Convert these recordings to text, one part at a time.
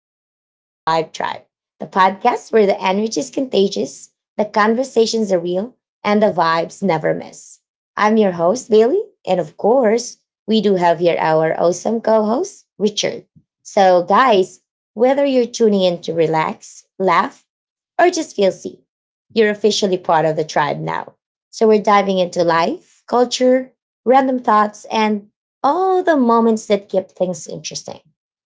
Welcome to the Vibe Tribe, the podcast where the energy is contagious, the conversations are real, and the vibes never miss. I'm your host, Bailey, and of course, we do have here our awesome co host, Richard. So, guys, whether you're tuning in to relax, laugh, or just feel seen, you're officially part of the tribe now. So, we're diving into life, culture, random thoughts, and all the moments that keep things interesting.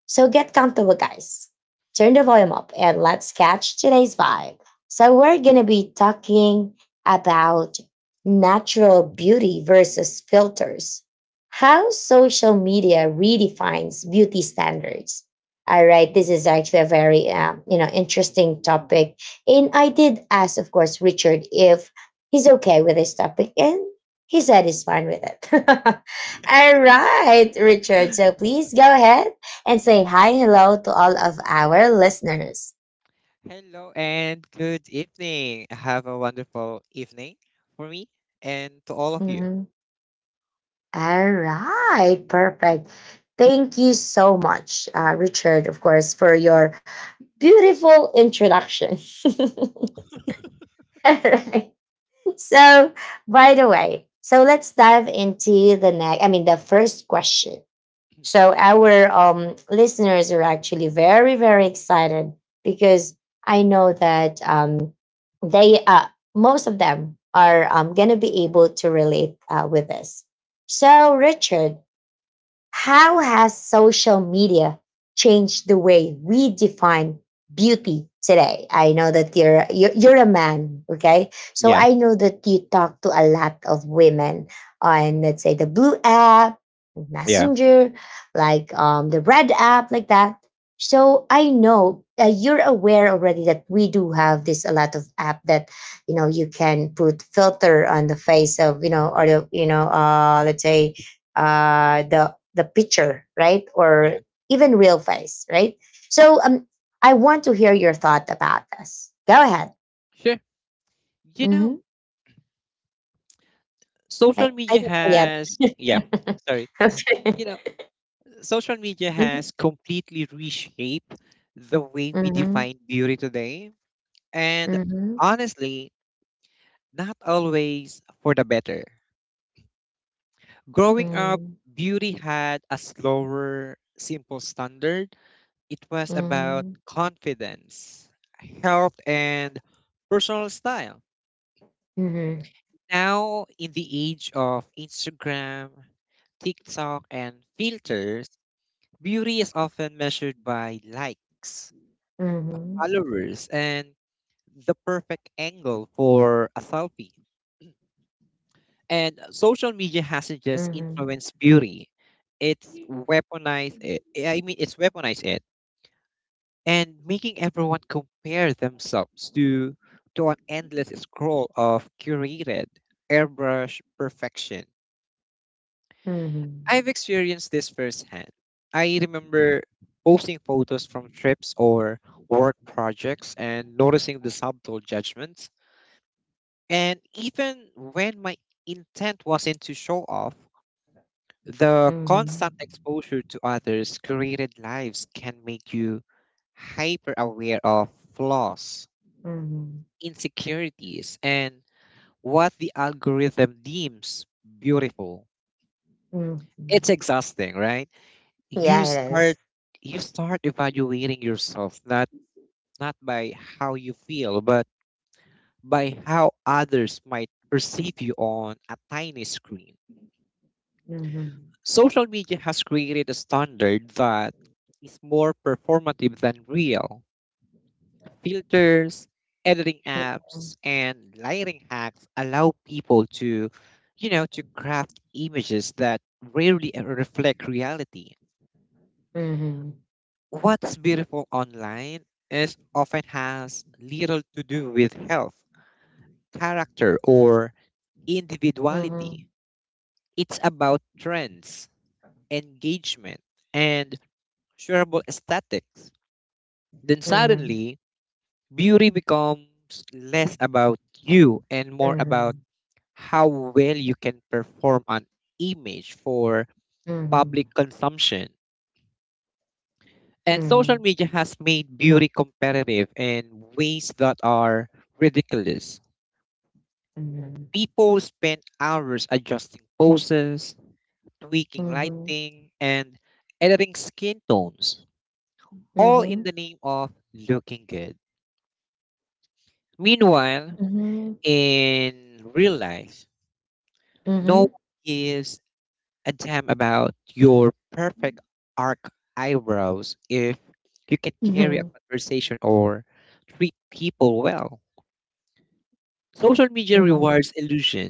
So get comfortable, guys. Turn the volume up and let's catch today's vibe. So, we're going to be talking about natural beauty versus filters, how social media redefines beauty standards. All right, this is actually a very interesting topic, and I did ask, of course, Richard if he's okay with this topic, and he said he's fine with it. All right, Richard. So please go ahead and say hi, hello to all of our listeners. Hello and good evening. Have a wonderful evening for me and to all of you. Mhm. All right, perfect. Thank you so much, Richard, of course, for your beautiful introduction. All right. So, by the way, so let's dive into the next, I mean, the first question. So our listeners are actually very, very excited because I know that they, most of them, are going to be able to relate with this. So, Richard, how has social media changed the way we define beauty today? I know that you're a man, okay? So Yeah, I know that you talk to a lot of women on, let's say, the blue app, yeah, messenger, like the red app like that. So I know you're aware already that we do have this a lot of app that you can put filter on the face of you know or the you know let's say the picture, right, or yeah. even real face, right? So I want to hear your thought about this. Go ahead. Sure. You hmm know, social I media don't know has, yeah, yet. sorry. Okay. You know, social media Mhm. has completely reshaped the way we Mhm. define beauty today. And honestly, not always for the better. Growing up, Mhm. beauty had a slower, simple standard. It was about Mhm. confidence, health, and personal style. Now, in the age of Instagram, TikTok, and filters, beauty is often measured by likes, Mhm. followers, and the perfect angle for a selfie. And social media hasn't just Mhm. influenced beauty, it's weaponized it. I mean, it's weaponized it and making everyone compare themselves to an endless scroll of curated airbrush perfection. Mhm. I've experienced this firsthand. I remember posting photos from trips or work projects and noticing the subtle judgments. And even when my intent wasn't to show off, the Mhm. constant Mhm. exposure to others' curated lives can make you hyper aware of flaws, Mhm. Mhm. insecurities, and what the algorithm deems beautiful. It's Mhm. exhausting, right? Yeah, You it start is. you start evaluating yourself not by how you feel, but by how others might perceive you on a tiny screen. Mhm. Social media has created a standard that is more performative than real. Filters, editing Mhm. apps, and lighting hacks allow people to, to craft images that rarely reflect reality. Mhm. What's beautiful online is often has little to do with health, character, or individuality. Mhm. It's about trends, engagement, and shareable aesthetics. Then Mhm. suddenly, beauty becomes less about you and more about Mhm. how well you can perform an image for mhm, public consumption. And social Mhm, media has made beauty competitive in ways that are ridiculous. mhm. People spend hours adjusting poses, tweaking Mhm. lighting, and editing skin tones, all in Mhm. the name of looking good. Meanwhile, Mhm. in real life, no Mhm. one gives a damn about your perfect arc eyebrows if you can carry a Mhm. conversation or treat people well. Social media Mhm. rewards illusion,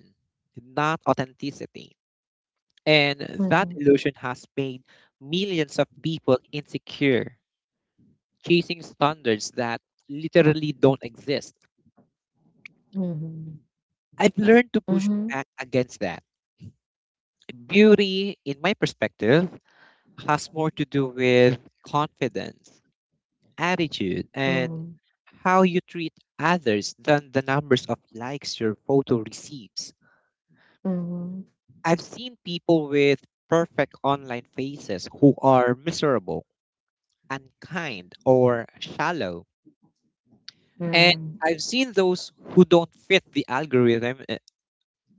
not authenticity. And that Mhm. illusion has made millions of people insecure, chasing standards that literally don't exist. Mhm. I've learned to push Mhm. back against that. Beauty, in my perspective, has more to do with confidence, attitude, and Mhm. how you treat others than the numbers of likes your photo receives. I've seen people with perfect online faces who are miserable, unkind, or shallow. Mhm. And Mhm. I've seen those who don't fit the algorithm, uh,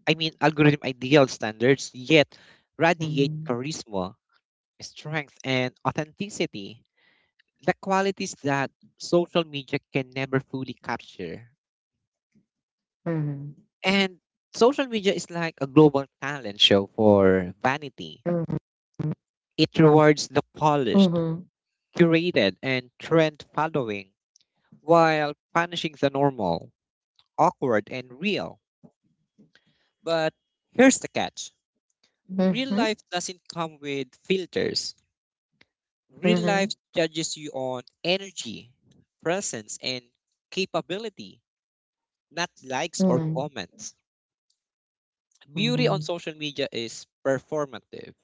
I mean, algorithm ideal standards, yet radiate Mhm. charisma, strength, and authenticity, the qualities that social media can never fully capture. Mhm. And social media is like a global talent show for vanity. It rewards the polished, Mhm. curated, and trend following while punishing the normal, awkward, and real. But here's the catch: real life doesn't come with filters. Mhm. Mhm. Real Mhm. life Mhm. judges you on energy, presence, and capability, not likes or comments. Beauty on Mhm. social media is performative.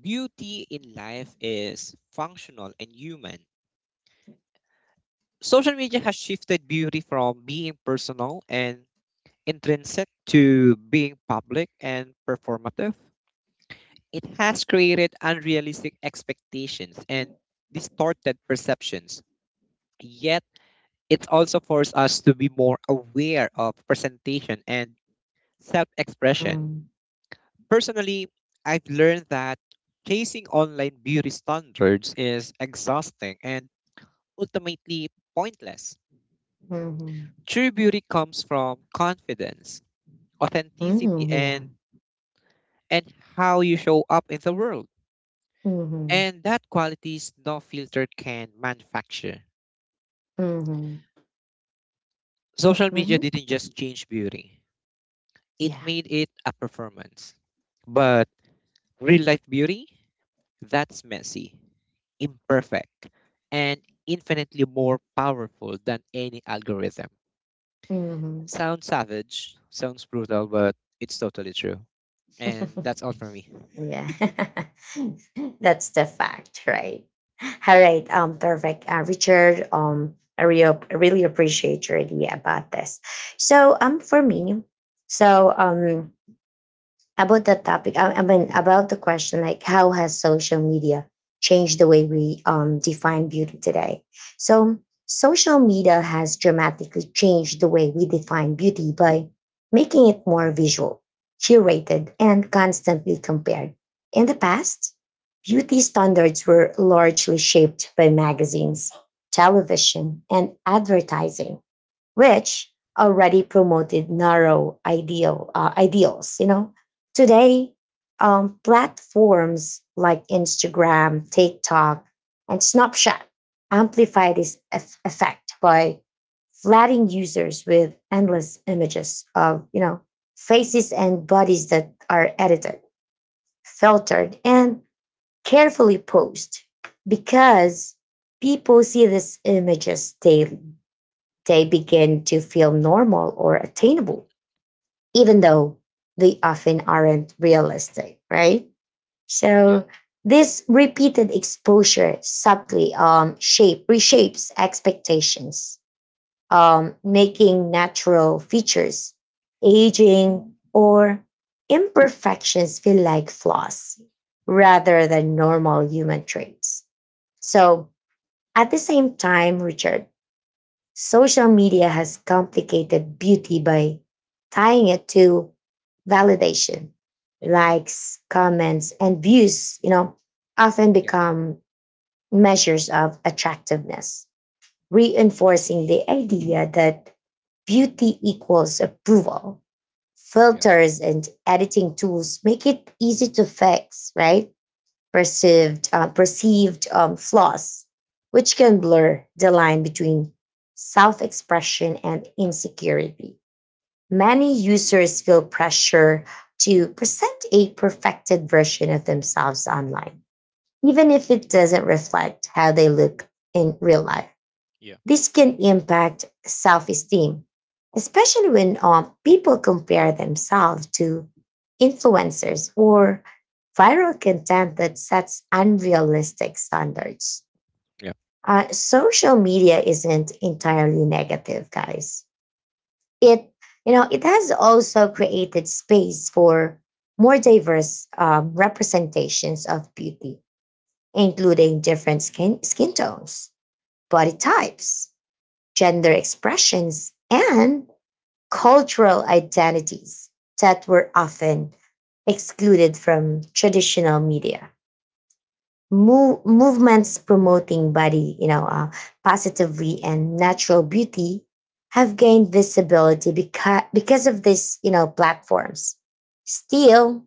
Beauty in life is functional and human. Social media has shifted beauty from being personal and intrinsic to being public and performative. It has created unrealistic expectations and distorted perceptions. Yet, it also forced us to be more aware of presentation and self expression. Personally, I've learned that chasing online beauty standards is exhausting and ultimately pointless. True beauty comes from confidence, authenticity, and how you show up in the world. Mhm. Mhm. And that qualities no filter can manufacture. Social media Mhm. didn't just change beauty. It Yeah. made it a performance. But real life beauty, that's messy, imperfect, and infinitely more powerful than any algorithm. Mhm. Mhm. Mhm. Sounds savage, sounds brutal, but it's totally true. Yeah. And Mhm. that's all for me. Yeah. That's the fact, right? All right, perfect. Richard, I really appreciate your idea about this. So, for me, so about that topic, I mean about the question like how has social media changed the way we define beauty today. So social media has dramatically changed the way we define beauty by making it more visual, Mhm. curated, and constantly compared. In the past, beauty standards were largely shaped by magazines, Yeah. television, and advertising, which already promoted narrow ideals. You know, today platforms like Instagram, TikTok, and Snapchat amplify this effect by flooding users with endless images of, you know, faces and bodies that are edited, filtered, and carefully posed. Because people see these images daily, they begin to feel normal or attainable, even though they often aren't realistic, right? Yeah. So this repeated exposure subtly shape reshapes expectations, making natural features, aging, or imperfections feel like flaws rather than normal human traits. So at the same time, Richard, social media has complicated beauty by tying it to validation. Hmm. Likes, comments, and views, you know, often Yeah. become measures of attractiveness, reinforcing the idea that beauty equals approval. Yeah. Filters and editing tools make it easy to fix, right, perceived flaws, which can blur the line between self-expression and insecurity. Many users feel pressure to present a perfected version of themselves online, even if it doesn't reflect how they look in real life. Yeah. This can impact self esteem, especially when people compare themselves to influencers or viral content that sets unrealistic standards. Yeah. Social media isn't entirely negative, guys. It, it has also created space for more diverse representations of beauty, including different skin tones, body types, gender expressions, and cultural identities that were often excluded from traditional media. Movements promoting body, positively and natural beauty have gained visibility because of this, you know, platforms. Still,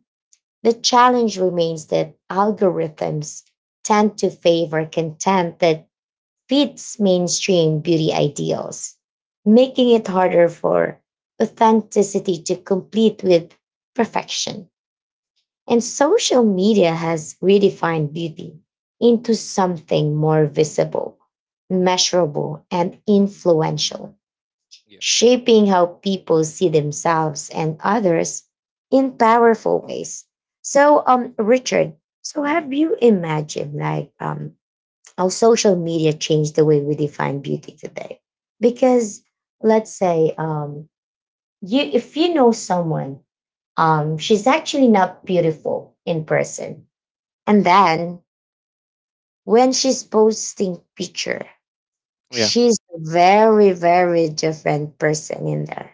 the challenge remains that algorithms tend to favor content that fits mainstream beauty ideals, making it harder for authenticity to compete with perfection. And social media has redefined beauty into something more visible, measurable, and influential, Yeah. shaping how people see themselves and others in powerful ways. So, Richard, so have you imagined like how social media changed the way we define beauty today? Because let's say you, if you know someone, she's actually not beautiful in person, and then when she's posting picture, Yeah. she's a very, very different person in there.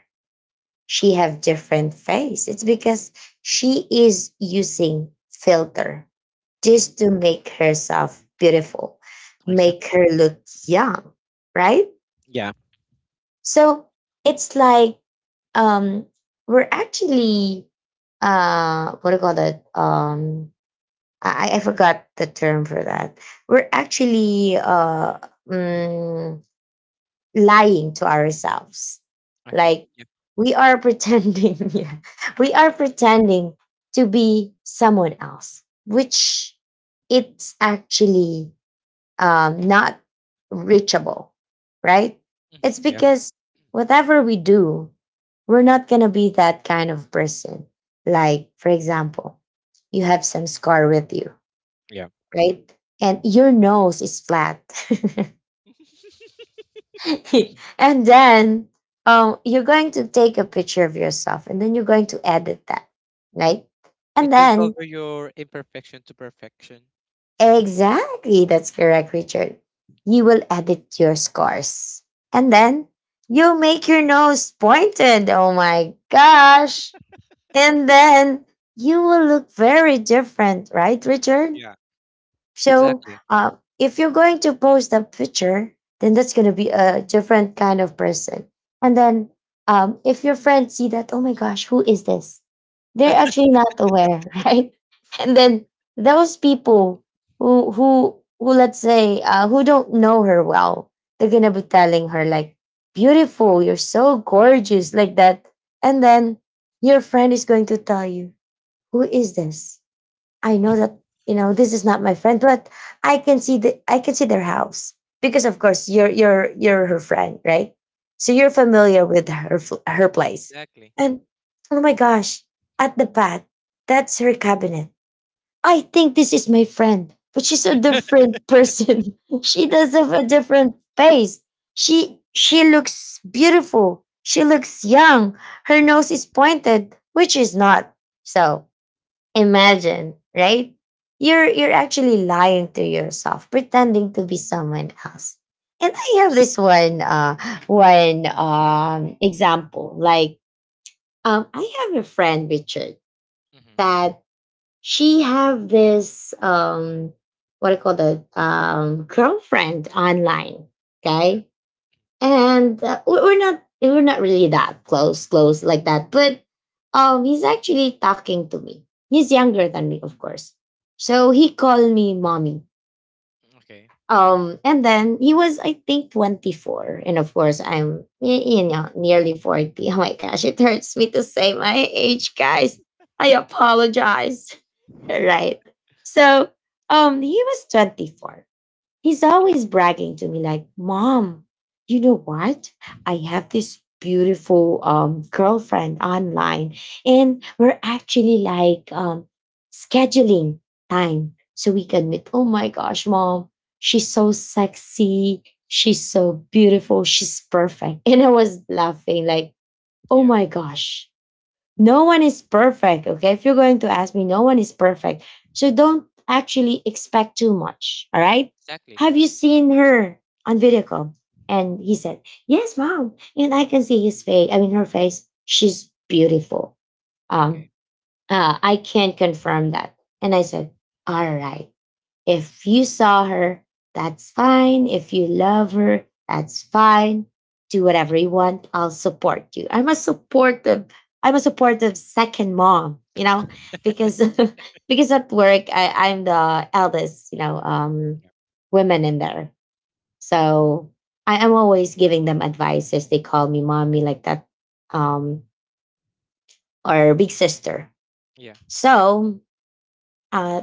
She have different face. It's because she is using filter Mhm. just to make herself beautiful, make Exactly. her look young, right? Yeah. So it's like, um we're actually, what do you call that, I forgot the term for that. We're actually, mm, lying to ourselves. Okay. Like, Yeah. we are pretending, yeah, we are pretending to be someone else, which it's actually not reachable, right? Mhm. It's Yeah. because whatever we do, we're not going to be that kind of person. Like, for example, you have some scar with you, Yeah. right? And your nose is flat. And then you're going to take a picture of yourself and then you're going to edit that, right? And It will then, cover your imperfection to perfection. exactly, that's correct, Richard. You will edit your scars. And then you make your nose pointed. Oh my gosh. And then you will look very different, right, Richard? Yeah. So Exactly. uh, if you're going to post a picture, then that's going to be a different kind of person. And then if your friends see that, oh my gosh, who is this? They're actually not aware, right? And then those people who let's say, who don't know her well, they're gonna be telling her like, "Beautiful, you're so gorgeous," like that. And then your friend is going to tell you, "Who is this? I know that, you know, this is not my friend, but I can see the, I can see their house because of course you're her friend," right? So you're Yeah. familiar with her her place. Exactly. And oh my gosh, at the back, that's her cabinet. I think this is my friend, but she's a different person. She does have a different face. She looks beautiful. She looks young. Her nose is pointed, which is not. So imagine, right? You're Yeah. you're actually lying to yourself, pretending to be someone else. And I have this one example. Like, I have a friend, Richard, Hmm. that she have this what I call the girlfriend online. Yeah. Okay. And we're not really that close like that, but he's actually talking to me. He's younger than me, of course, so he called me mommy. Okay. And then he was, I think, 24, and of course I'm you know, nearly 40. Oh my gosh, it hurts me to say my age, guys. I apologize. Right? So he was 24. He's always bragging to me, like, "Mom, you know what? I have this beautiful girlfriend online, and we're actually like scheduling time so we can meet. Oh my gosh, Mom, she's so sexy. She's so beautiful. She's perfect." And I was laughing, like, "Oh Yeah. my gosh, no one is perfect. Okay, if you're going to ask me, no one is perfect, so don't actually expect too much, all right? Exactly. Have you seen her on video call?" And he said, "Yes, Mom," and I can see his face, I mean her face. She's beautiful. um Okay. I can confirm that. And I said, "All right, if you saw her, that's fine. If you love her, that's fine. Do whatever you want. I'll support you. I'm a supportive. I'm a supportive second mom." You know, because because at work I'm the eldest. You know, Yeah. women in there. So I am always giving them advices. They call me mommy like that, um, or big sister. Yeah. So uh,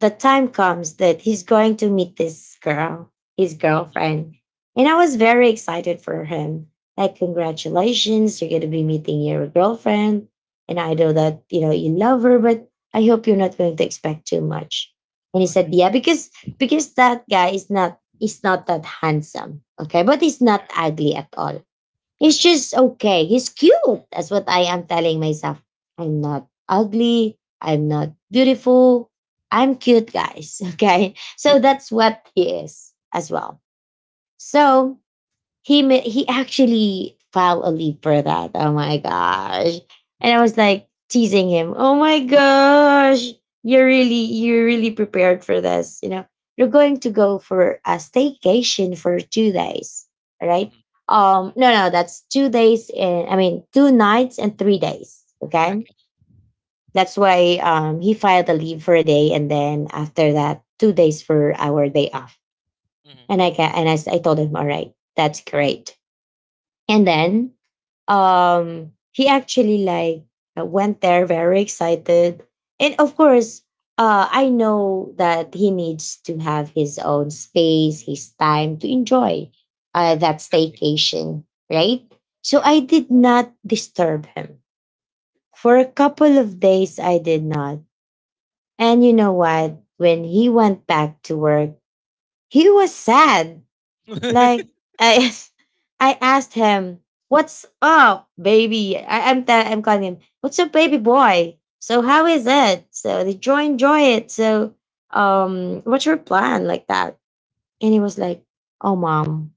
the time comes that he's going to meet this girl, his Hmm. girlfriend. And I was very excited for him. Like, "Congratulations, you're going to be meeting your girlfriend. And I know Okay. that, you know, you love her, but I hope you're not going to expect too much." And he said, Okay. yeah, because that guy is not that handsome. Okay. But he's Yeah. not ugly at all. He's Okay. just okay. He's cute. That's what I am telling myself. I'm not ugly. I'm not beautiful. I'm cute, guys. Okay. So Yeah. that's what he is as well. So he actually filed a leave for that. Oh my Mm-hmm. gosh! And I was like teasing him. Oh my gosh, you're Okay. really you're really prepared for this. You know, you're going to go for a staycation for 2 days, right? Hmm. No, no, that's 2 days and I mean two nights and 3 days. Okay, Okay. that's why he filed a leave for a day, and then after that, 2 days for our day off. Hmm. And I can and I, s- I told him, all right, that's great and then he actually went there very excited. And of course, I know that he needs to have his own space, his time to enjoy Yeah. that Exactly. staycation, right? So Yeah. I did not disturb him. For a couple of days I did not. And you know what? When he went back to work, he was sad like I I asked him, "What's up, baby?" I, I'm tell I'm calling him, "What's up, baby boy?" So how is it? So did you enjoy it? So what's your plan like that? And he was like, "Oh, mom."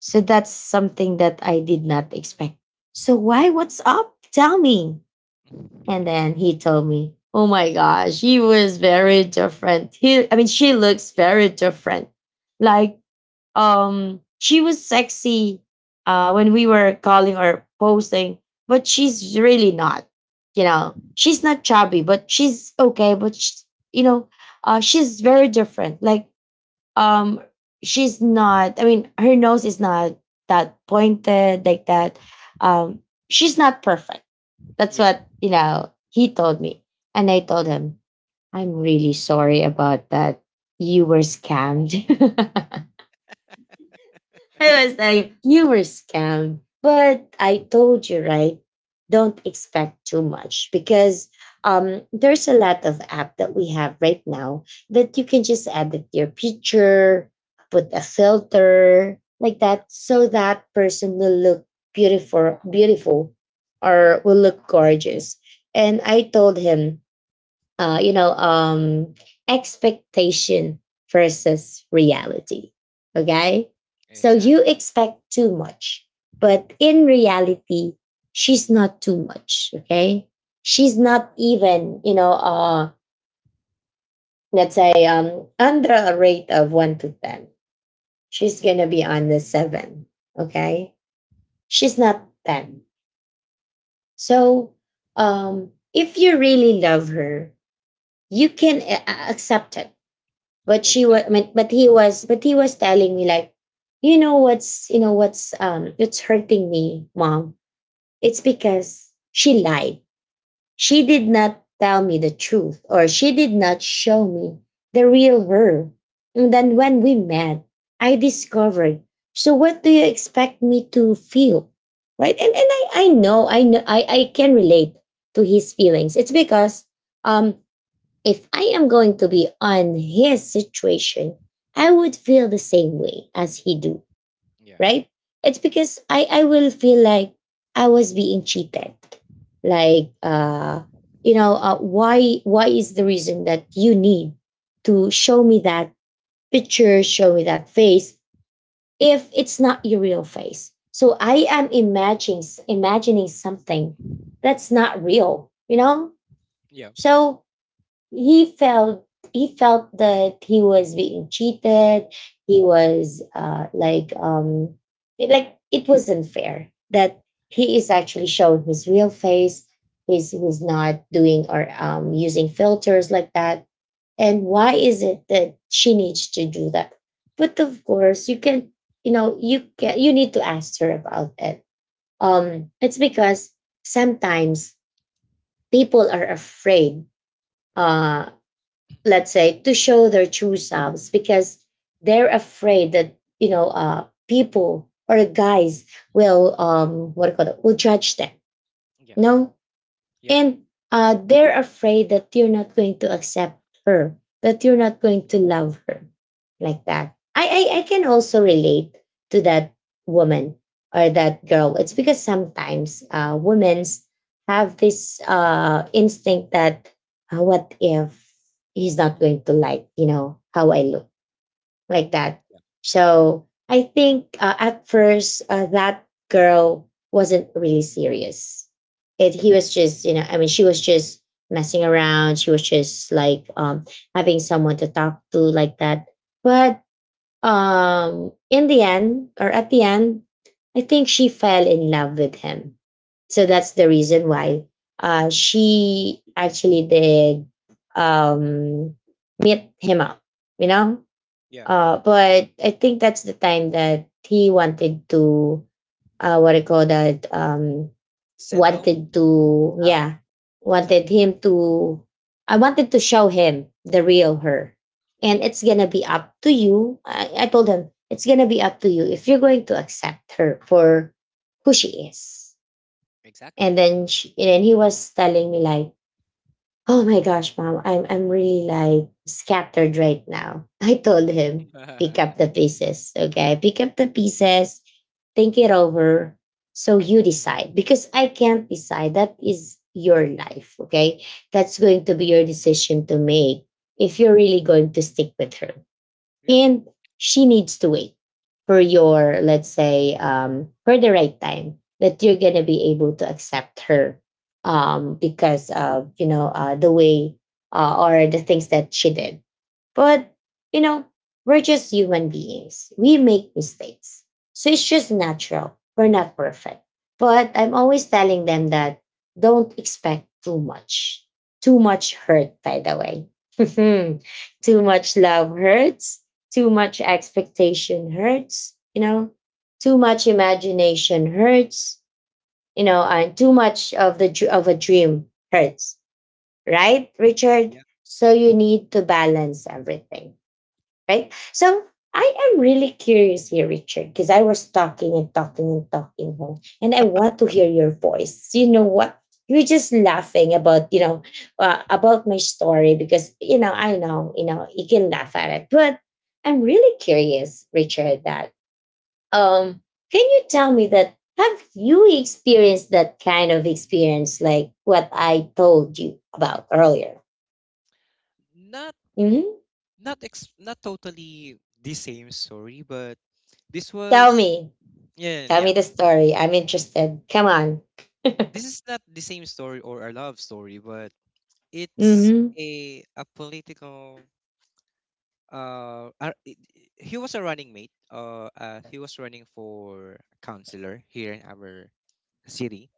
So that's something that I did not expect. So why? What's up? Tell me. And then he told me, "Oh my gosh, he was very different. I mean, she looks very different. Like she was sexy when we were calling or posting, but she's really not, you know, she's not chubby, but she's okay, but she's, you know she's very different, like um she's not, I mean, her nose is not that pointed like that, um she's not perfect. That's Yeah. what, you know, he told me. And I told him, I'm really sorry about that. You were scammed." I was like, you were scammed. But I told you, right? Don't expect too much, because there's a lot of app that we have right now that you can just edit your picture, put a filter like Yeah. that, so that person will look beautiful, beautiful, Yeah. or will look gorgeous. And I told him, uh, you know, um, expectation versus reality. Okay. So you Exactly. expect too much, but in reality, she's not too much. Okay. She's not even, you know, let's say under a rate of one to 10. She's going to be on the seven. Okay. She's not 10. So if you really love her, you can accept it. But she was Exactly. but he was But he was telling me like, you know what's it's hurting me, mom. It's because she lied, she did not tell me the truth, or she did not show me the real her. And Mhm. then when we met, I discovered. So what do you expect me to feel, right? And I know, I know, I can relate to his feelings. It's because um if I am going to be on his situation, I would feel the same way as he do, Yeah. right? It's because I will feel like I was being cheated. Like why is the reason that you need to show me that picture, show me that face if it's not your real face? So Mm. I am imagining something that's not real, you know? Yeah. So he felt he felt that he was being cheated. He was it- like it wasn't fair that he is actually showing his real face. He's not doing or using filters like that. And why is it that she needs to do that? But of course you can, you know, you can, you need to ask her about it. It's because sometimes people are afraid, uh let's say, to show their true selves, because they're afraid that, you know, people or guys will what do you call it, will judge them. Yeah. No. Yeah. And they're afraid that you're not going to accept her, that you're not going to love her like that. I can also relate to that woman or that girl. It's because sometimes women have this instinct that, what if he's not going to like, you know, how I look? Like that. So I think at first, that girl wasn't really serious. It he was just you know I mean, she was just messing around. She was just like, having someone to talk to, like that. But in the end, or at the end, I think she fell in love with him. So that's the reason why she actually did, um, meet him up. You know, Yeah. But I think that's the time that he wanted to, what I call that, Settle. wanted to, Oh, okay. yeah, To settle. wanted him to, I wanted to show him the real her. And it's going to be up to you. I told him, it's going to be up to you if you're going to accept her for who she is. Exactly. And then he was telling me like, oh my gosh, mom, I'm really like scattered right now. I told him, pick up the pieces, okay? Pick up the pieces, think it over. So you decide, because I can't decide. That is your life, okay? That's going to be your decision to make if you're really going to stick with her. Yeah. And she needs to wait for your, let's say for the right time that you're gonna be able to accept her, because of, you know, the way, or the things that she did. But, you know, we're just human beings. We make mistakes. So it's just natural. We're not perfect. But I'm always telling them that don't expect too much. Too much hurt, by the way. Too Hmm. much love hurts. Too much expectation hurts. You know, too much imagination hurts. You know, and too much of the of a dream hurts. Right, Richard? Yeah. So you need to balance everything, right? So I am really curious here, Richard, because I was talking and talking and talking, huh? And I want to hear your voice. You know what? You're just laughing about, you know, about my story, because you know I know you can laugh at it, but I'm really curious, Richard. That um, can you tell me that, have you experienced that kind of experience like what I told you about earlier? Not Mhm. not totally the same story, but this Tell was me, yeah yeah. tell me yeah. the story. I'm interested. Come on. this is not the same story or a love story, but it's Mhm. a political he was a running mate. He was running for councilor here in our city.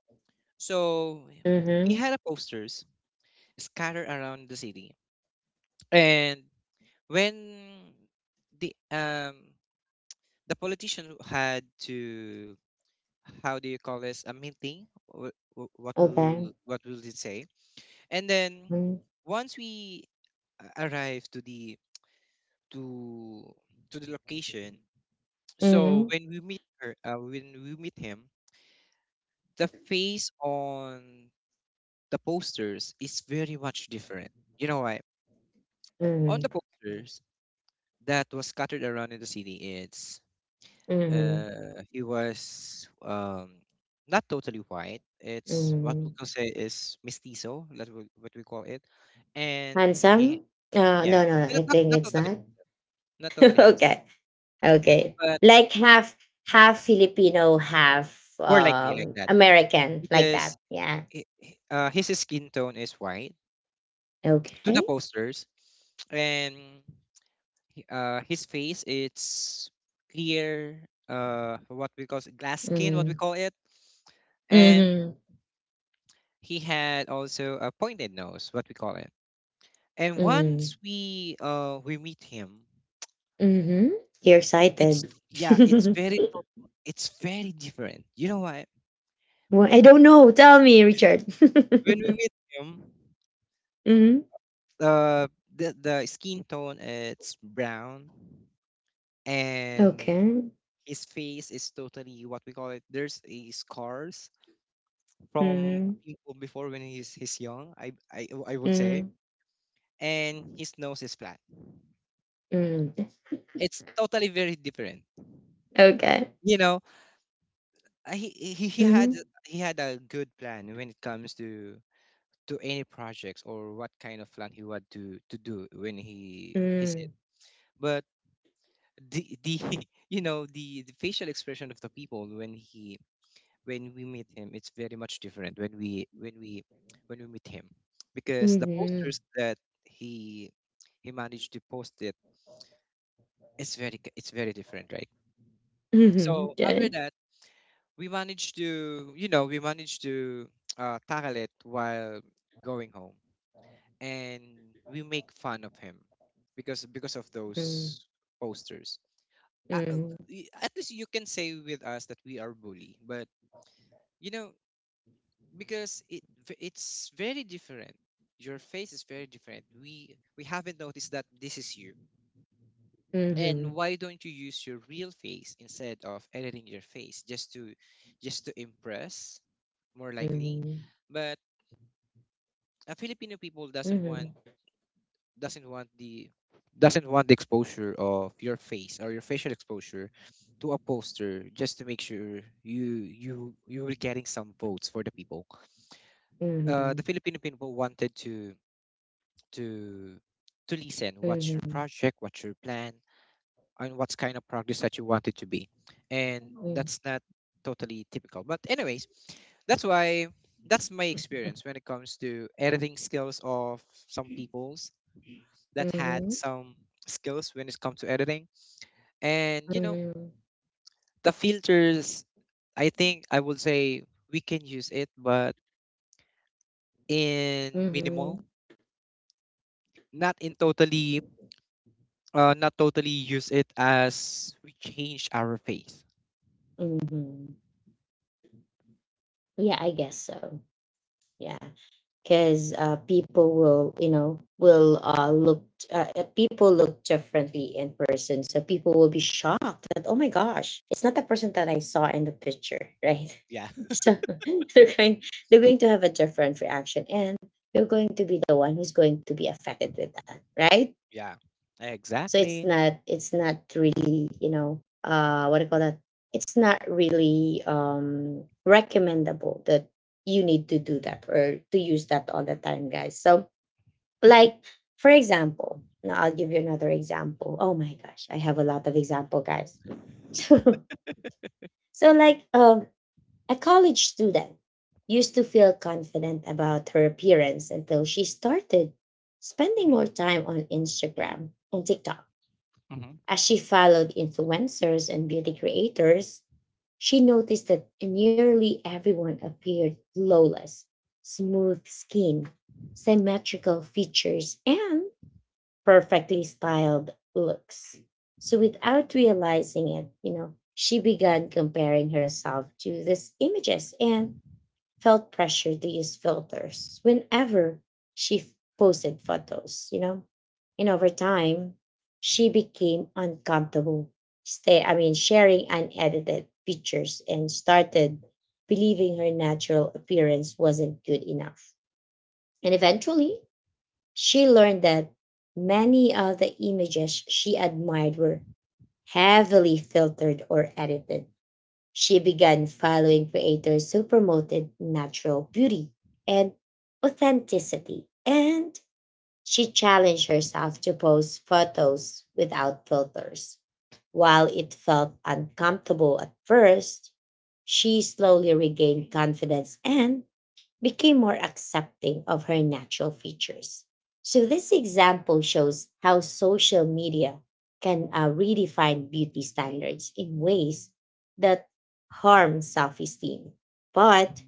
So he Mhm. had a posters scattered around the city, and when the um the politician had to, how do you call this, a meeting? What Okay. will, what will it say? And then Mm. once we arrived to the, to to the location. So Mhm. when we meet her, when we meet him, the face on the posters is very much different. You know why? On the Mhm. posters that was scattered around in the city, it's Mhm. He was not totally white. It's what we Mhm. can say is mestizo. That's what we call it. And Handsome? he, yeah, No, no, no. I think not it's totally, not. not totally handsome, Okay. Okay. but Like half half Filipino, half more likely like that American, like because. that. Yeah. His skin tone is white to the Okay. posters, and his face, it's clear, what we call glass skin, what we Mhm. call it. And Mhm. he had also a pointed nose, what we call it. And Mhm. once we meet him, Mhm. You're it's excited. yeah it's very it's very different. You know why? Well, I when, don't know. Tell me, Richard. when we meet him, Mhm. uh the skin tone, it's brown. And Okay. his face is totally, what we call it, there's a scars from Mhm. people before when he's young, I would say, Mhm. and his nose is flat. Mhm. It's totally very different. Okay. You know, he had, Mhm. he had a good plan when it comes to any projects or what kind of plan he want to do when he he's it. Mm. But the you know the facial expression of the people when he, when we meet him, it's very much different when we when we, when we meet him, because the Mhm. posters that he he managed to post it, it's very different, right? Mhm. So after Okay. that, we managed to tackle it while going home, and we make fun of him because of Mhm. those posters. uh, uh, at least you can say with us that we are bully, but you know, because it's very different, your face is very different, we haven't noticed that this is you. Mhm. And why don't you use your real face instead of editing your face just to impress, more likely. Mhm. But a filipino people doesn't want, Mhm. doesn't want the, doesn't want the exposure of your face or your facial exposure to a poster just to make sure you you you were getting some votes for the people. Mhm. Mhm. The filipino people wanted to, to to listen what's your Mhm. project, what's your plan, and what's kind of progress that you want it to be. And Mm. that's not totally typical, but anyways, that's why, that's my experience when it comes to editing skills of some peoples that had Mhm. some skills when it comes to editing. And you know, Mhm. the filters, I think I would say, we can use it, but in minimal, Mhm. not in totally, not totally use it as we change our faith. Mhm. Yeah, I guess so. Yeah. Because people will, you know, will look, people look differently in person, so people will be shocked that oh my gosh it's not the person that I saw in the picture, right? Yeah, So they're going they're going to have a different reaction, and you're going to be the one who's going to be affected with that, right? yeah, So it's exactly. not, it's not really, you know, what do you call that, it's not really recommendable that you need to do that or to use that all the time, guys. So like, for example, now I'll give you another example. Oh my gosh, I have a lot of example, guys. so so like, a college student used to feel confident about her appearance until she started spending Mm-hmm. more time on Instagram and TikTok. Hmm. As she followed influencers and beauty creators, she noticed that nearly everyone appeared flawless, smooth skin, symmetrical features, and perfectly styled looks. So without realizing it, you know, she began comparing herself to these images, and felt pressure to use filters whenever she f- posted photos, you know. And over time, she became uncomfortable stay I mean sharing unedited pictures, and started believing her natural appearance wasn't good enough. And eventually, she learned that many of the images she admired were heavily filtered or edited. She began following creators who promoted natural beauty and authenticity, and she challenged herself to post photos without filters. While it felt uncomfortable at first, she slowly regained confidence and became more accepting of her natural features. So, this example shows how social media can redefine beauty standards in ways that harm self esteem, but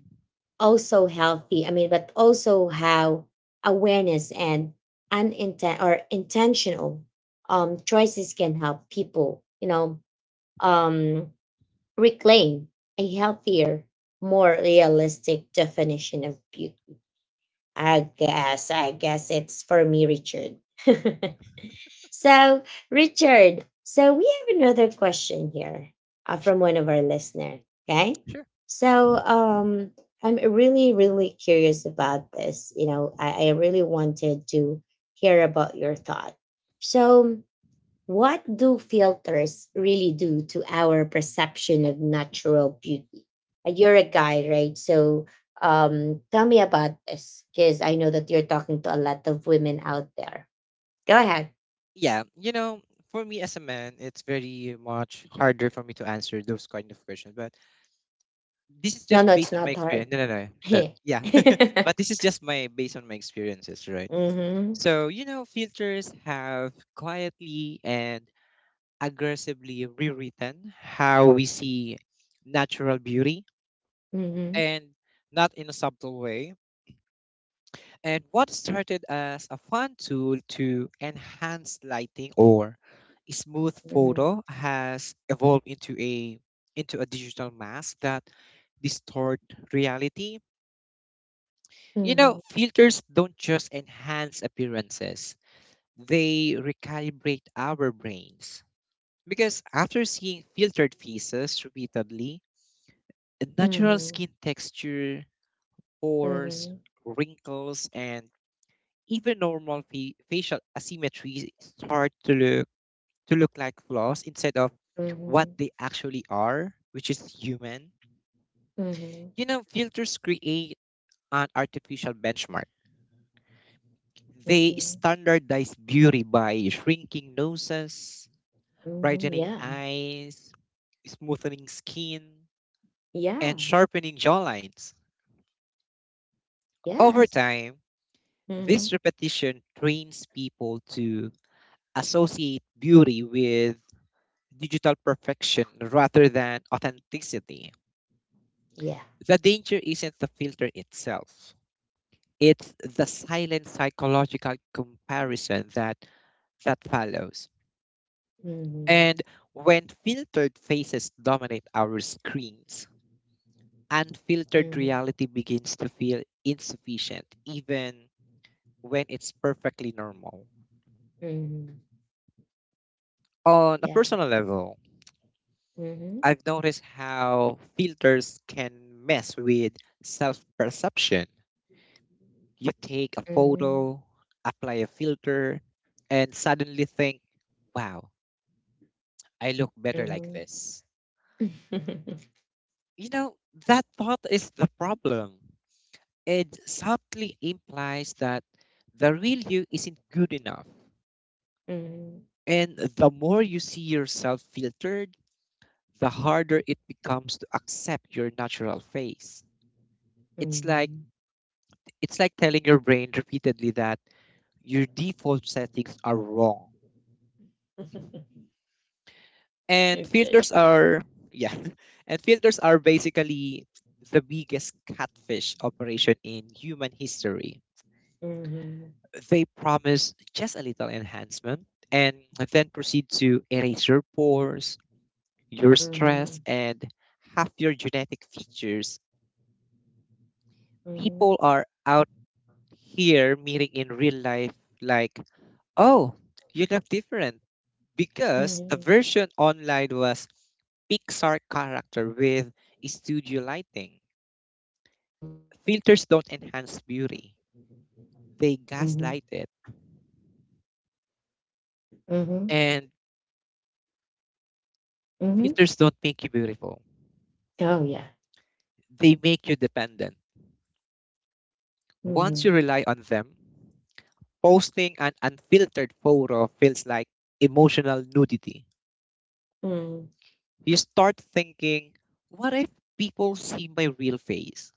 also but also how awareness and uninten- or intentional choices can help people, you know, um, reclaim a healthier, more realistic definition of beauty. I guess it's for me, Richard. So, Richard, so we have another question here from Sure, one of our listener. Okay. sure. So, um, I'm really, really curious about this. You know, I really wanted to hear about your thought. So, what do filters really do to our perception of natural beauty? You're a guy, right? So tell me about this because I know that you're talking to a lot of women out there. Go ahead. Yeah, you know, for me as a man, it's very much harder for me to answer those kind of questions. But this is No, just no, it's based on my not hard. experience. No, no, no, no. Yeah, Mm-hmm. but this is just my based on my experiences, right? Mm-hmm. So you know, filters have quietly and aggressively rewritten how we see natural beauty, and not in a subtle way. And what started as a fun tool to enhance lighting or smooth Mm-hmm. photo has evolved into a, digital mask that distort reality. You Mm-hmm. know, filters don't just enhance appearances, they recalibrate our brains. Because after seeing filtered faces repeatedly, natural Mm-hmm. skin texture, pores, Mm-hmm. wrinkles, and even normal facial asymmetries start to look, like flaws instead of what they actually are, which is human. Mm-hmm. You know, filters create an artificial benchmark. They Mm-hmm. standardize beauty by shrinking noses, Mm-hmm. brightening Yeah. eyes, smoothening skin, Yeah. and sharpening jawlines. Over Yes. time, Mm-hmm. this repetition trains people to associate beauty with digital perfection rather than authenticity. Yeah. The danger isn't the filter itself, it's the silent psychological comparison that follows. Mm-hmm. And when filtered faces dominate our screens, unfiltered Mm-hmm. reality begins to feel insufficient, even when it's perfectly normal. Mhm. On a Yeah. personal level, Mhm. I've noticed how filters can mess with self perception. You take a Mhm. photo, apply a filter, and suddenly think, wow, I look better like Mhm. this. Mhm. Mhm. You know, that thought is the problem. It subtly implies that the real you isn't good enough. And the more you see yourself filtered, the harder it becomes to accept your natural face. It's like it's like telling your brain repeatedly that your default settings are wrong. And Okay. filters are yeah. And filters are basically the biggest catfish operation in human history. Mhm. They promise just a little enhancement and then proceed to erase your pores, your stress, Mhm. and half your genetic features. People Mhm. are out here meeting in real life like, oh, you look different because the Mhm. version online was Pixar character with studio lighting. Mhm. Filters don't enhance beauty, they Mhm. gaslight it. Mhm. And Mhm. filters don't make you beautiful, Oh yeah. they make you dependent. Once you Mhm. rely on them, posting an unfiltered photo feels like emotional nudity. Mhm. You start thinking, what if people see my real face?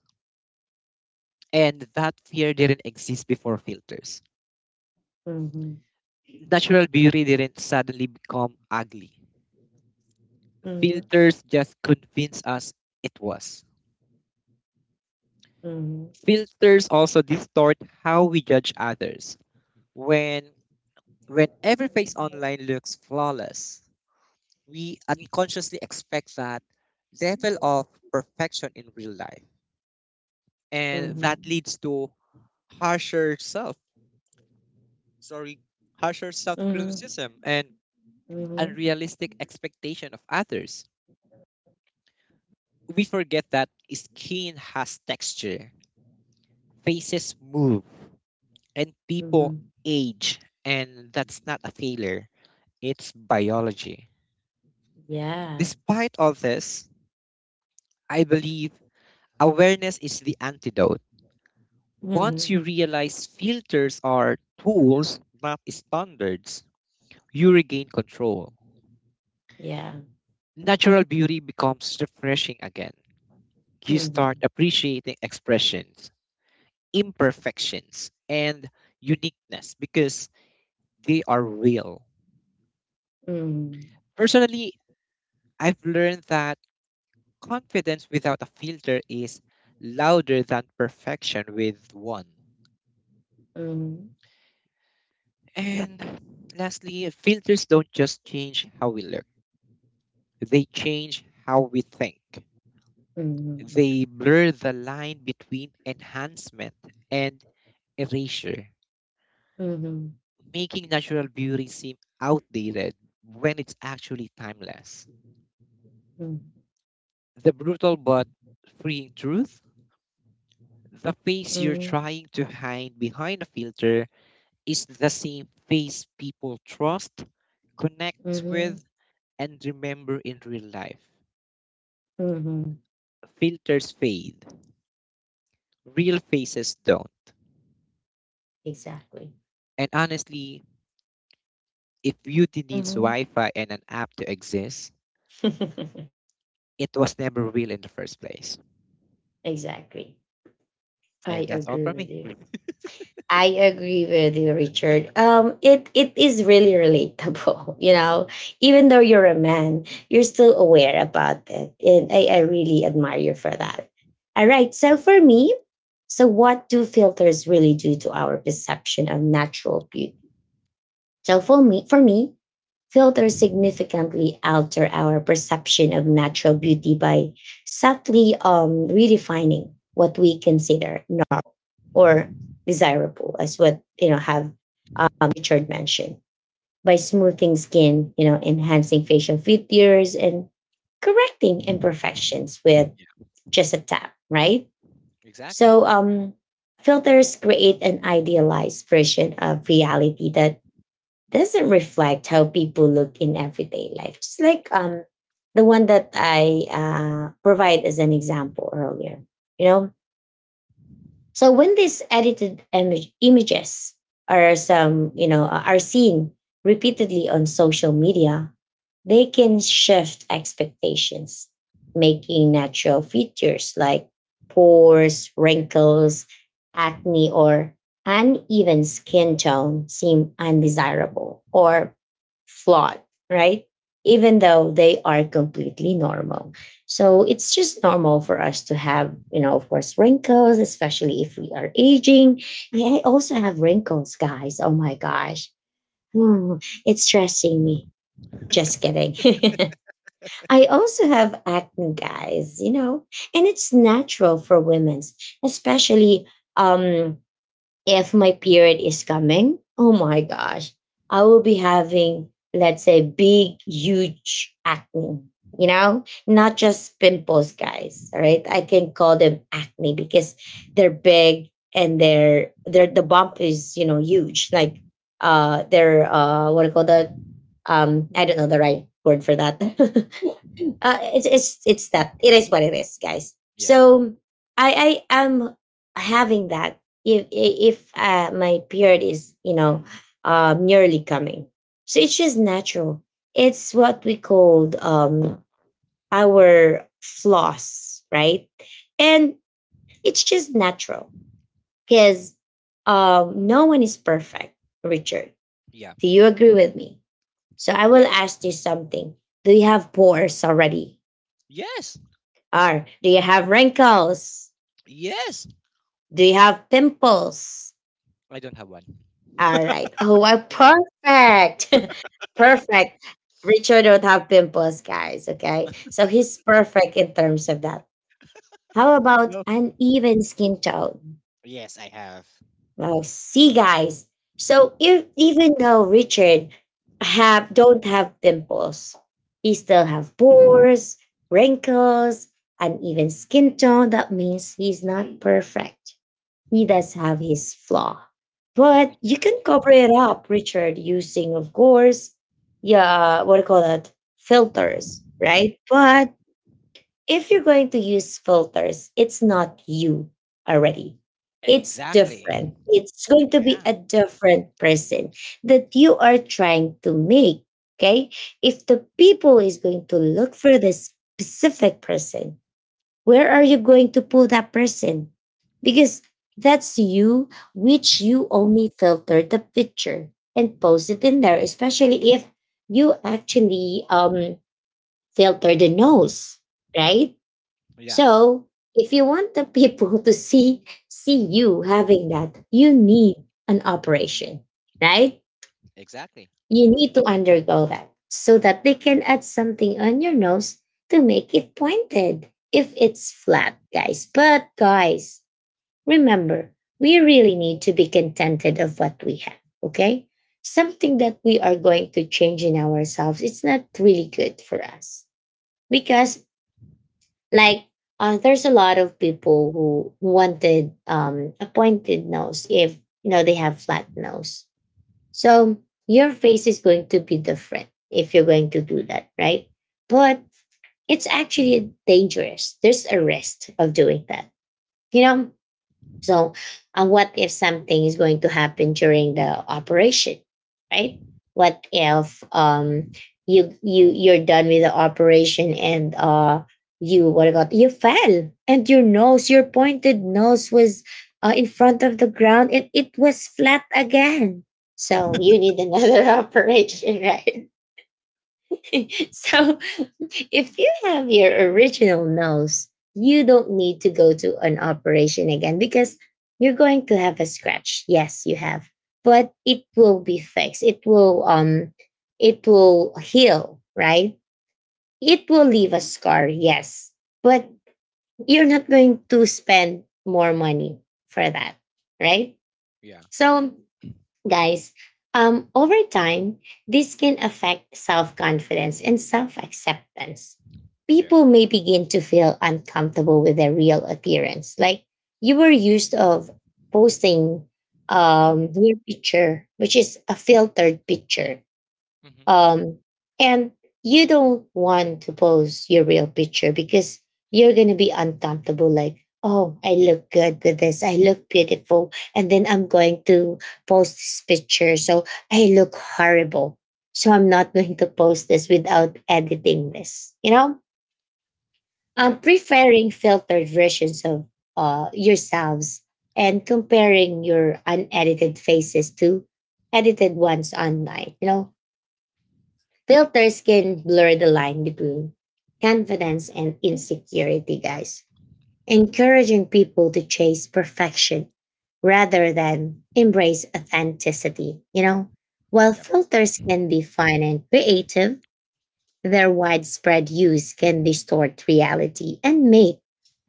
And that fear didn't exist before filters. Mhm. Natural beauty didn't suddenly become ugly. Mhm. Filters just convince us it was. Mhm. Filters also distort how we judge others. When when every face online looks flawless, we unconsciously expect that level of perfection in real life. And that Mhm. leads to harsher self, sorry, harsher self Mhm. criticism and Mhm. unrealistic expectation of others. We forget that skin has texture, faces move, and people Mhm. age, and that's not a failure. It's biology. Yeah. Despite all this, I believe awareness is the antidote. Once you Mhm. realize filters are tools, not standards, you regain control. Yeah. Natural beauty becomes refreshing again. You start Mhm. appreciating expressions, imperfections, and uniqueness because they are real. Mhm. Personally, I've learned that confidence without a filter is louder than perfection with one. Mhm. And lastly, filters don't just change how we learn. They change how we think. Mhm. They blur the line between enhancement and erasure, Mhm. making natural beauty seem outdated when it's actually timeless. Mm. The brutal but freeing truth: the face you're Mhm, trying to hide behind a filter is the same face people trust, connect mhm, with, and remember in real life. mhm. Filters fade, real faces don't. Exactly. And honestly, if beauty needs Mhm. Wi Fi and an app to exist, it was never real in the first place. Exactly. I And that's all agree from with me. you. I agree with you, Richard. It is really relatable, you know. Even though you're a man, you're still aware about it, and I really admire you for that. All right. So for me, so what do filters really do to our perception of natural beauty? So for me, filters significantly alter our perception of natural beauty by subtly redefining what we consider normal or desirable, as what you know have Richard mentioned, by smoothing skin, you know, enhancing facial features and correcting imperfections with Yeah, just a tap, right? exactly. So filters create an idealized version of reality that doesn't reflect how people look in everyday life. Just like the one that I provide as an example earlier. You know, so when these edited image, images are some, you know, are seen repeatedly on social media, they can shift expectations, making natural features like pores, wrinkles, acne, or uneven skin tone seem undesirable or flawed, right? Even though they are completely normal. So it's just normal for us to have, you know, of course, wrinkles, especially if we are aging. I also have wrinkles, guys. Oh my gosh. Hmm, it's stressing me. Just kidding. I also have acne, guys, you know, and it's natural for women, especially um if my period is coming, oh my gosh, I will be having, let's say, big, huge acne. You know, not just pimples, guys. All right, I can call them acne because they're big and they're the bump is you know huge. Like they're what do you call that? I don't know the right word for that. It's that it is what it is, guys. Yeah, So I am having that if my period is you know nearly coming so it's just natural, it's what we called our flaws, right? And it's just natural because no one is perfect, Richard. yeah. Do you agree with me? So I will Yes, ask you something. Do you have pores already, yes, or do you have wrinkles? yes. Do you have pimples? I don't have one. All right. Oh, wow. Perfect. Perfect. Richard don't have pimples, guys. Okay. So he's perfect in terms of that. How about No. uneven skin tone? Yes, I have. Well, see, guys. So if, even though Richard have don't have pimples, he still have pores, wrinkles, uneven skin tone. That means he's not perfect. He does have his flaw, but you Yeah, can cover it up, Richard, using, of course, yeah, what do you call that? Filters, right? But if you're going to use filters, it's not you already. It's exactly. different. It's going to be Yeah, a different person that you are trying to make. Okay. If the people is going to look for this specific person, where are you going to put that person? Because that's you, which you only filter the picture and post it in there, especially if you actually filter the nose, right? yeah, So if you want the people to see you having that, you need an operation, right? exactly. You need to undergo that so that they can add something on your nose to make it pointed if it's flat, guys. But guys, remember, we really need to be contented of what we have, okay? Something that we are going to change in ourselves, it's not really good for us because like there's a lot of people who wanted a pointed nose if you know they have flat nose, so your face is going to be different if you're going to do that, right? But it's actually dangerous. There's a risk of doing that. You know, so, what if something is going to happen during the operation, right? What if you're done with the operation and you what about you fell and your nose your pointed nose was in front of the ground and it was flat again. So you need another operation, right? So if you have your original nose, you don't need to go to an operation again because you're going to have a scratch. Yes, you have, but it will be fixed. It will heal, right? It will leave a scar, yes, but you're not going to spend more money for that, right? Yeah, So guys, over time, this can affect self confidence and self acceptance. yeah. People may begin to feel uncomfortable with their real appearance. Like you were used of posting your picture, which is a filtered picture, Mm-hmm. um, and you don't want to post your real picture because you're going to be uncomfortable. Like, oh, I look good with this. I look beautiful. And then I'm going to post this picture. So I look horrible. So I'm not going to post this without editing this. You know, Yeah, I'm preferring filtered versions of yourselves and comparing your unedited faces to edited ones online. You know, filters can blur the line between confidence and insecurity, guys, encouraging people to chase perfection rather than embrace authenticity, you know? While yeah. filters can be fun and creative, their widespread use can distort reality and make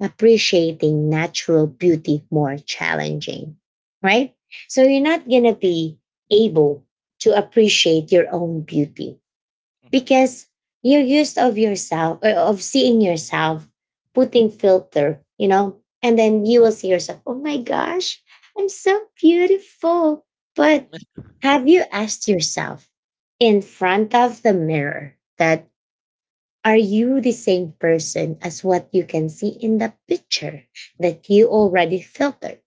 appreciating natural beauty more challenging, right? So you're not going to be able to appreciate your own beauty Mm-hmm. because you're used of yourself or of seeing yourself putting filter, you know, and then you will see yourself, oh my gosh, I'm so beautiful. But have you asked yourself in front of the mirror that are you the same person as what you can see in the picture that you already filtered,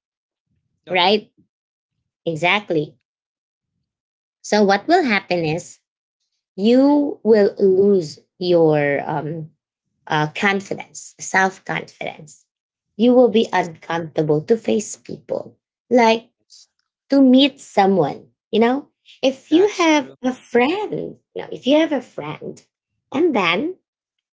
No, right? Exactly. So what will happen is you will lose your confidence, self confidence. You will be yes. uncomfortable to face people, like That's, to meet someone. You know, if you that's have true. a friend, you know, if you have a friend, and then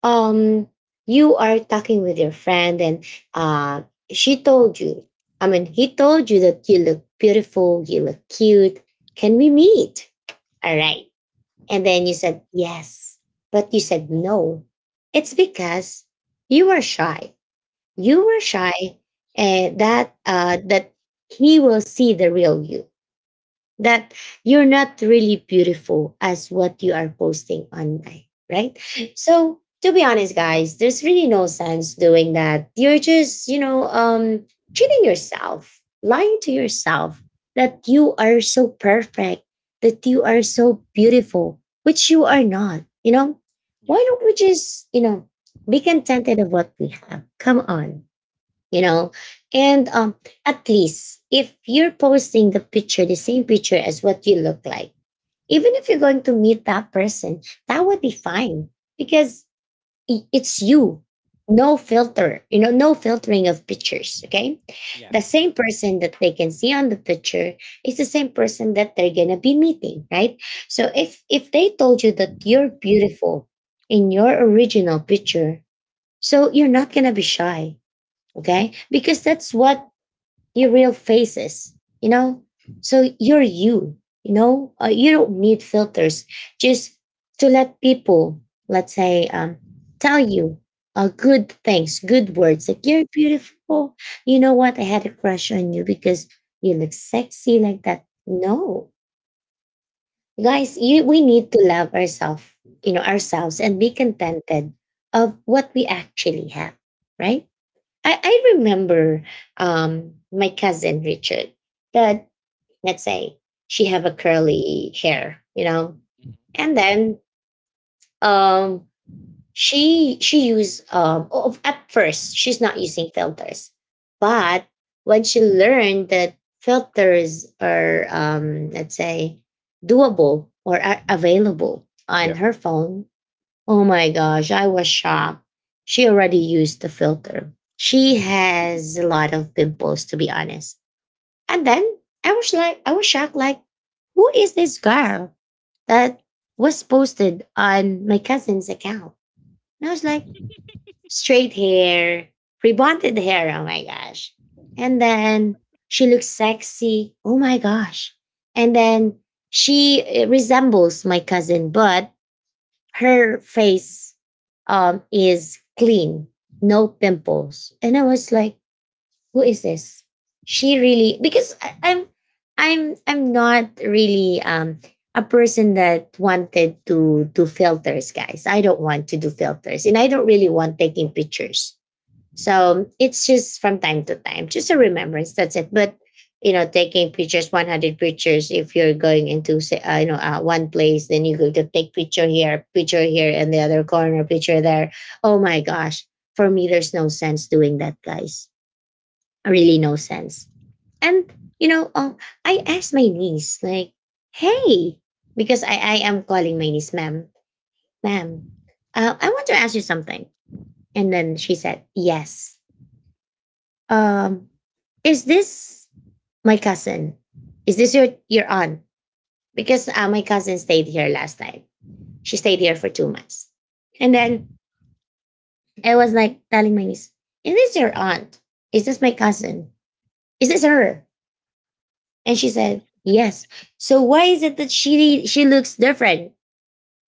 um, you are talking with your friend, and uh, she told you, I mean, he told you that you look beautiful, you look cute. Can we meet? All right, Mm-hmm. and then you said yes, but you said no. It's because you were shy. Yeah, You were shy, and that that he will see the real you that you're not really beautiful as what you are posting online, right? So to be honest, guys, there's really no sense doing that. You're just, you know, cheating yourself, lying to yourself that you are so perfect, that you are so beautiful, which you are not. You know, yeah, why don't we just, you know, be contented of what we have? Come on, you know, and at least if you're posting the picture, the same picture as what you look like, even if you're going to meet that person, that would be fine because it's you, no filter, you know, no filtering of pictures, okay? yeah. The same person that they can see on the picture is the same person that they're going to be meeting, right? So if they told you that you're beautiful in your original picture, so you're not going to be shy, okay, because that's what your real face is, you know. So you're you, you know, you don't need filters just to let people, let's say, tell you good things, good words like you're beautiful. You know what, I had a crush on you because you look sexy like that. No guys, you, Mm-hmm. we need to love ourselves, you know ourselves, and be contented of what we actually have, right? I remember my cousin Richard that, let's say, she have a curly hair, you know, Mm-hmm. and then um, she use oh, at first she's not using filters, but when she learned that filters are let's say doable or are available on Yeah. her phone, oh my gosh, I was shocked. She already used the filter. She has a lot of pimples to be honest. And then I was like, I was shocked like who is this girl that was posted on my cousin's account? And I was like straight hair, rebonded hair, oh my gosh. And then she looks sexy. Oh my gosh. And then she resembles my cousin, but her face is clean, no pimples. And I was like, who is this? She really because I, I'm not really a person that wanted to do filters, guys. I don't want to do filters, and I don't really want taking pictures. Yeah, So it's just from time to time, just a remembrance. That's it. But taking pictures, 100 pictures. If you're going into say, one place, then you go to take picture here, and the other corner, picture there. Oh my gosh! For me, there's no sense doing that, guys. Really, no sense. And you know, um, I asked my niece like, "Hey," because I am calling my niece, ma'am, ma'am. I want to ask you something. And then she said, "Yes." Um, Is this my cousin? Is this your aunt? Because my cousin stayed here last time. She stayed here for 2 months, and then I was like telling my niece, "Is this your aunt? Is this my cousin? Is this her?" And she said, "Yes." So why is it that she looks different?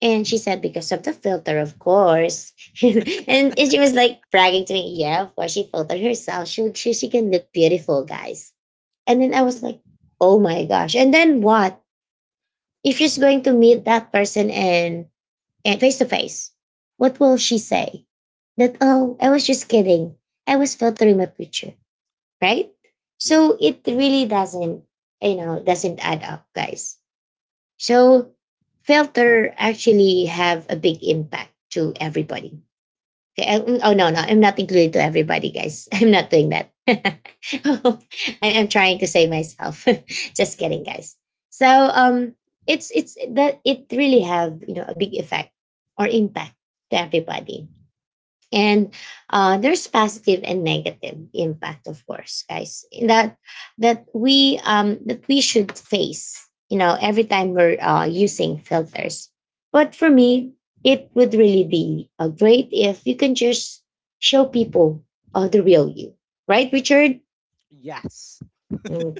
And she said, because of the filter, of course. And she was like bragging to me, yeah, of course, she filtered herself. She can look beautiful, guys. And then I was like, oh my gosh. And then what? If she's going to meet that person and face to face, what will she say? That oh, I was just kidding. I was filtering my picture, right? yeah. So it really doesn't, you know, doesn't add up, guys. So filter actually have a big impact to everybody. Okay. Oh no, no, I'm not included to everybody, guys. I'm not doing that. I'm trying to save myself. Just kidding, guys. So it's that it really have a big effect or impact to everybody, and there's positive and negative impact, of course, guys, that we should face, every time we're using filters. But for me, it would really be great if you can just show people the real you, right, Richard? Yes. Mm,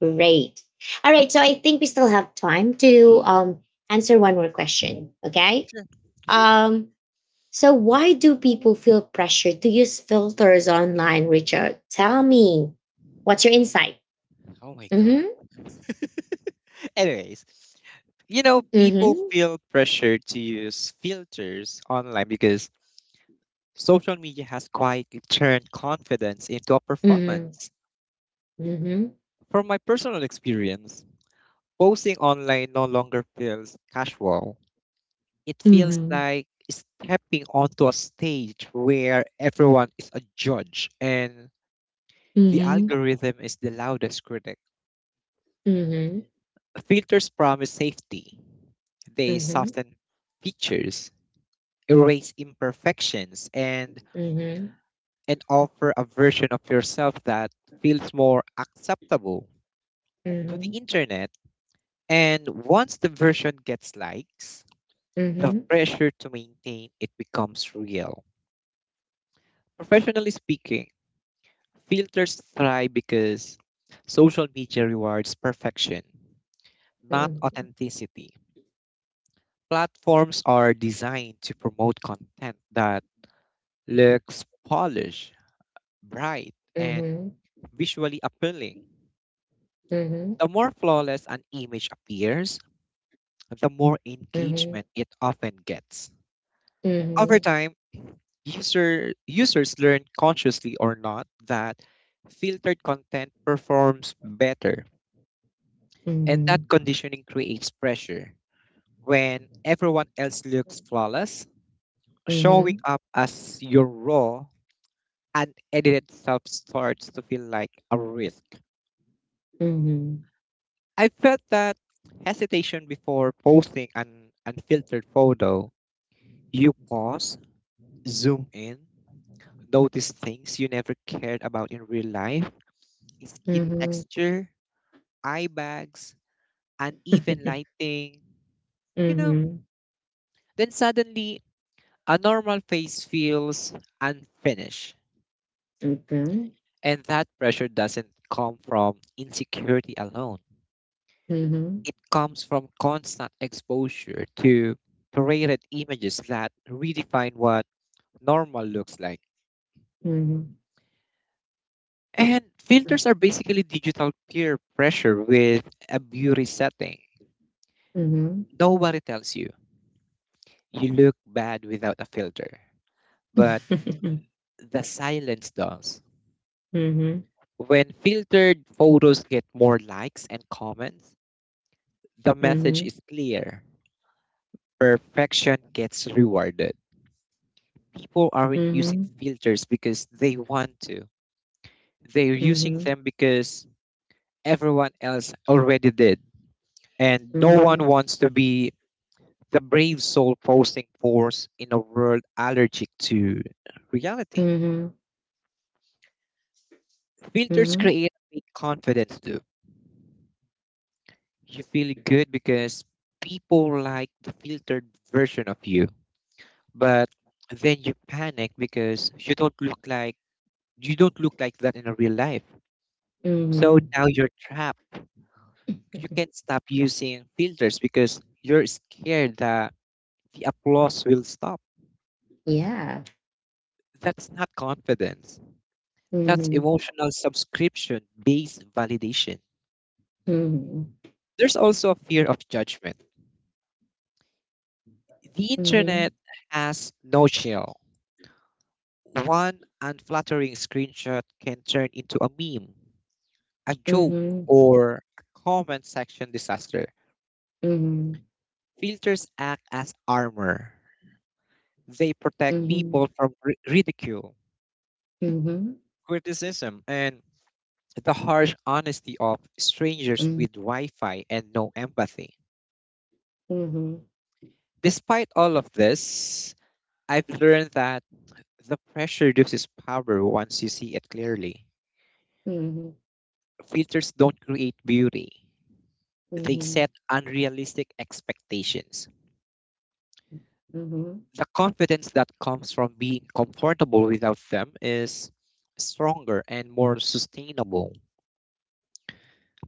great. All right, so I think we still have time to answer one more question, okay? Sure. Sure. um so, why do people feel pressured to use filters online, Richard? Tell me, what's your insight? Oh my god. Mm Anyways, you know, hmm. people Mm feel pressure to use filters online because social media has quietly turned confidence into a hmm. Mm performance. hmm. From my personal experience, posting online no longer feels casual. It Mm feels hmm. like stepping onto a stage where everyone is a judge and Mm the hmm. algorithm is the loudest critic. Mm Filters promise safety. They hmm. soften features, erase imperfections, and, Mm hmm. and offer a version of yourself that feels more acceptable to Mm the hmm. internet. And once the version gets likes, Mm the hmm. pressure to maintain it becomes real. Professionally speaking, filters thrive because social media rewards perfection, not authenticity. Platforms are designed to promote content that looks polished, bright, Mm and hmm. visually appealing. Mm hmm. The more flawless an image appears, the more Mm hmm. Mm hmm. Mm hmm. engagement it often gets. Over time, users learn consciously or not that filtered content performs better, and that conditioning creates pressure. When everyone else looks flawless, Mm hmm. showing up as your raw, unedited self starts to feel like a risk. Mm hmm. I felt that hesitation before posting an unfiltered photo. You pause, zoom in, notice things you never cared about in real life: Mm skin hmm. texture, eye bags, uneven lighting. You Mm know, hmm. then suddenly a normal face feels unfinished. Okay. And that pressure doesn't come from insecurity alone. Mm hmm. It comes from constant exposure to curated images that redefine what normal looks like. Mm And hmm. filters are basically digital peer pressure with a beauty setting. Mm hmm. Nobody tells you you look bad without a filter, but Mm the silence does. hmm. When filtered photos get more likes and comments, the Mm hmm. message is clear. Perfection gets rewarded. People aren't using Mhm. filters because they want to. They're using Mhm. them because everyone else already did. And no one Mhm. wants to be the brave soul posting force in a world allergic to reality. Mhm. Filters Mhm. create a fake confidence loop. You feel good because people like the filtered version of you. But then you panic because you don't look like that in a real life. So Mhm. now you're trapped. You can't stop using filters because you're scared that the applause will stop. Yeah. That's not confidence. That's Mhm. emotional subscription based validation. Mhm. There's also a fear of judgment. The Mhm. internet has no chill. One unflattering screenshot can turn into a meme, a joke, Mhm. or a comment section disaster. Mhm. Filters act as armor, they protect people from ridicule, Mhm. Mhm. criticism, and the harsh honesty of strangers with Wi Fi and no empathy. Mhm. Despite all of this, I've learned that the pressure loses power once you see it clearly. Mhm. Mhm. Mhm. Filters don't create beauty, they set unrealistic expectations. Mhm. Mhm. The confidence that comes from being comfortable without them is stronger and more sustainable.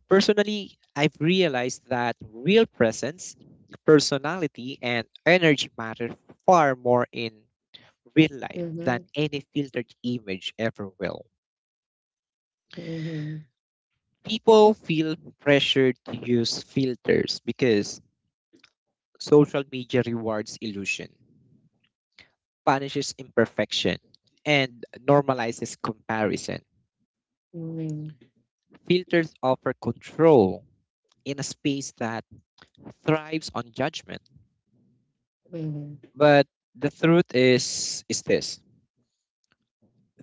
Personally, I've realized that real presence, personality, and energy matter far more in real Mhm. life Mhm. Mhm. than Mhm. any filtered image ever will. People feel pressured to use filters because social media rewards illusion, punishes imperfection, and normalizes comparison. Filters offer control in a space that thrives on judgment. But the truth is this: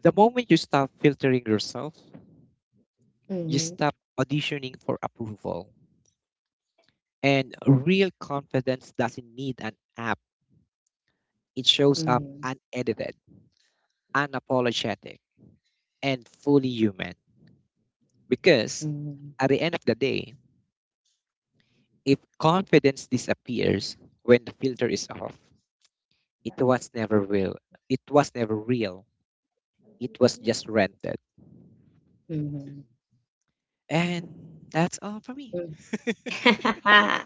the moment you stop filtering yourself, you Mhm. stop auditioning for approval. And real confidence doesn't need an app, it shows up Mhm. unedited, unapologetic, and fully human. Because Mhm. at the end of the day, if confidence disappears when the filter is off, it was never real. It was never real. It was just rented. Mhm. And that's all for me. Mhm.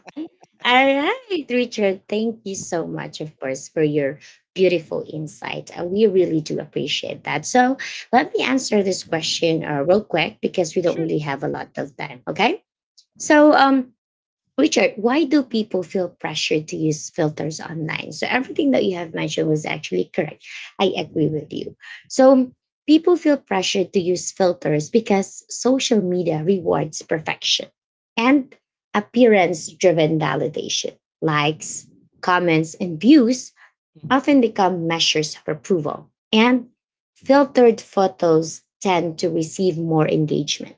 All right, Richard, thank you so much, of course, for your beautiful insight. We really do appreciate that. So, let me answer this question real quick, because we don't Sure. really have a lot of time. Okay. So, Richard, why do people feel pressured to use filters online? So, everything that you have mentioned was actually correct. I agree with you. So, people feel pressured to use filters because social media rewards perfection and appearance driven validation. Likes, comments, and views Mhm. often become measures of approval, and filtered photos tend to receive more engagement,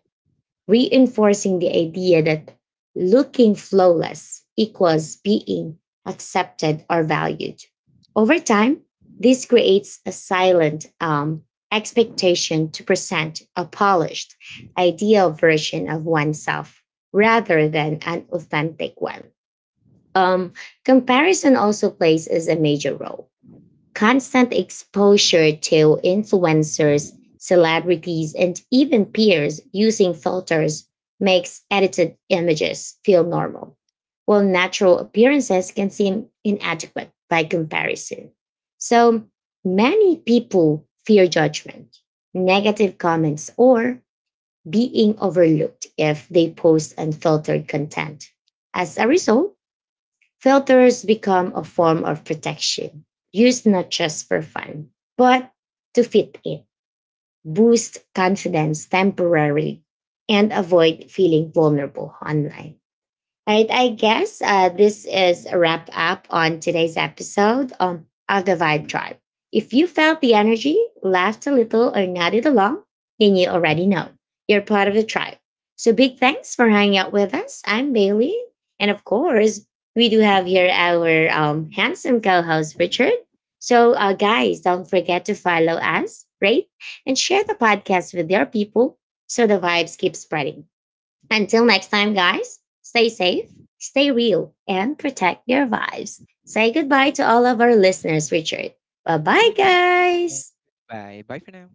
reinforcing the idea that looking flawless equals being accepted or valued. Over time, this creates a silent expectation to present a polished, ideal version of oneself rather than an authentic one. Um, comparison also plays as a major role. Constant exposure to influencers, celebrities, and even peers using filters makes edited images feel normal, while natural appearances can seem inadequate by comparison. So, many people fear judgment, negative comments, or being overlooked if they post unfiltered content. As Yeah. a result, filters become a form of protection, used not just for fun, but to fit in, boost confidence temporarily, and avoid feeling vulnerable online. Right, I guess this is a wrap up on today's episode of the Yeah. Vibe Tribe. If you felt the energy, laughed a little, or nodded along, then you already know you're part of the tribe. So big thanks for hanging out with us. I'm Bailey. And of course, we do have here our handsome co host, Richard. So, guys, don't forget to follow us, rate, and share the podcast with your people so the vibes keep spreading. Until next time, guys, stay safe, stay real, and protect your vibes. Say goodbye to all of our listeners, Richard. Bye bye, Good evening and guys. goodbye. Bye for now.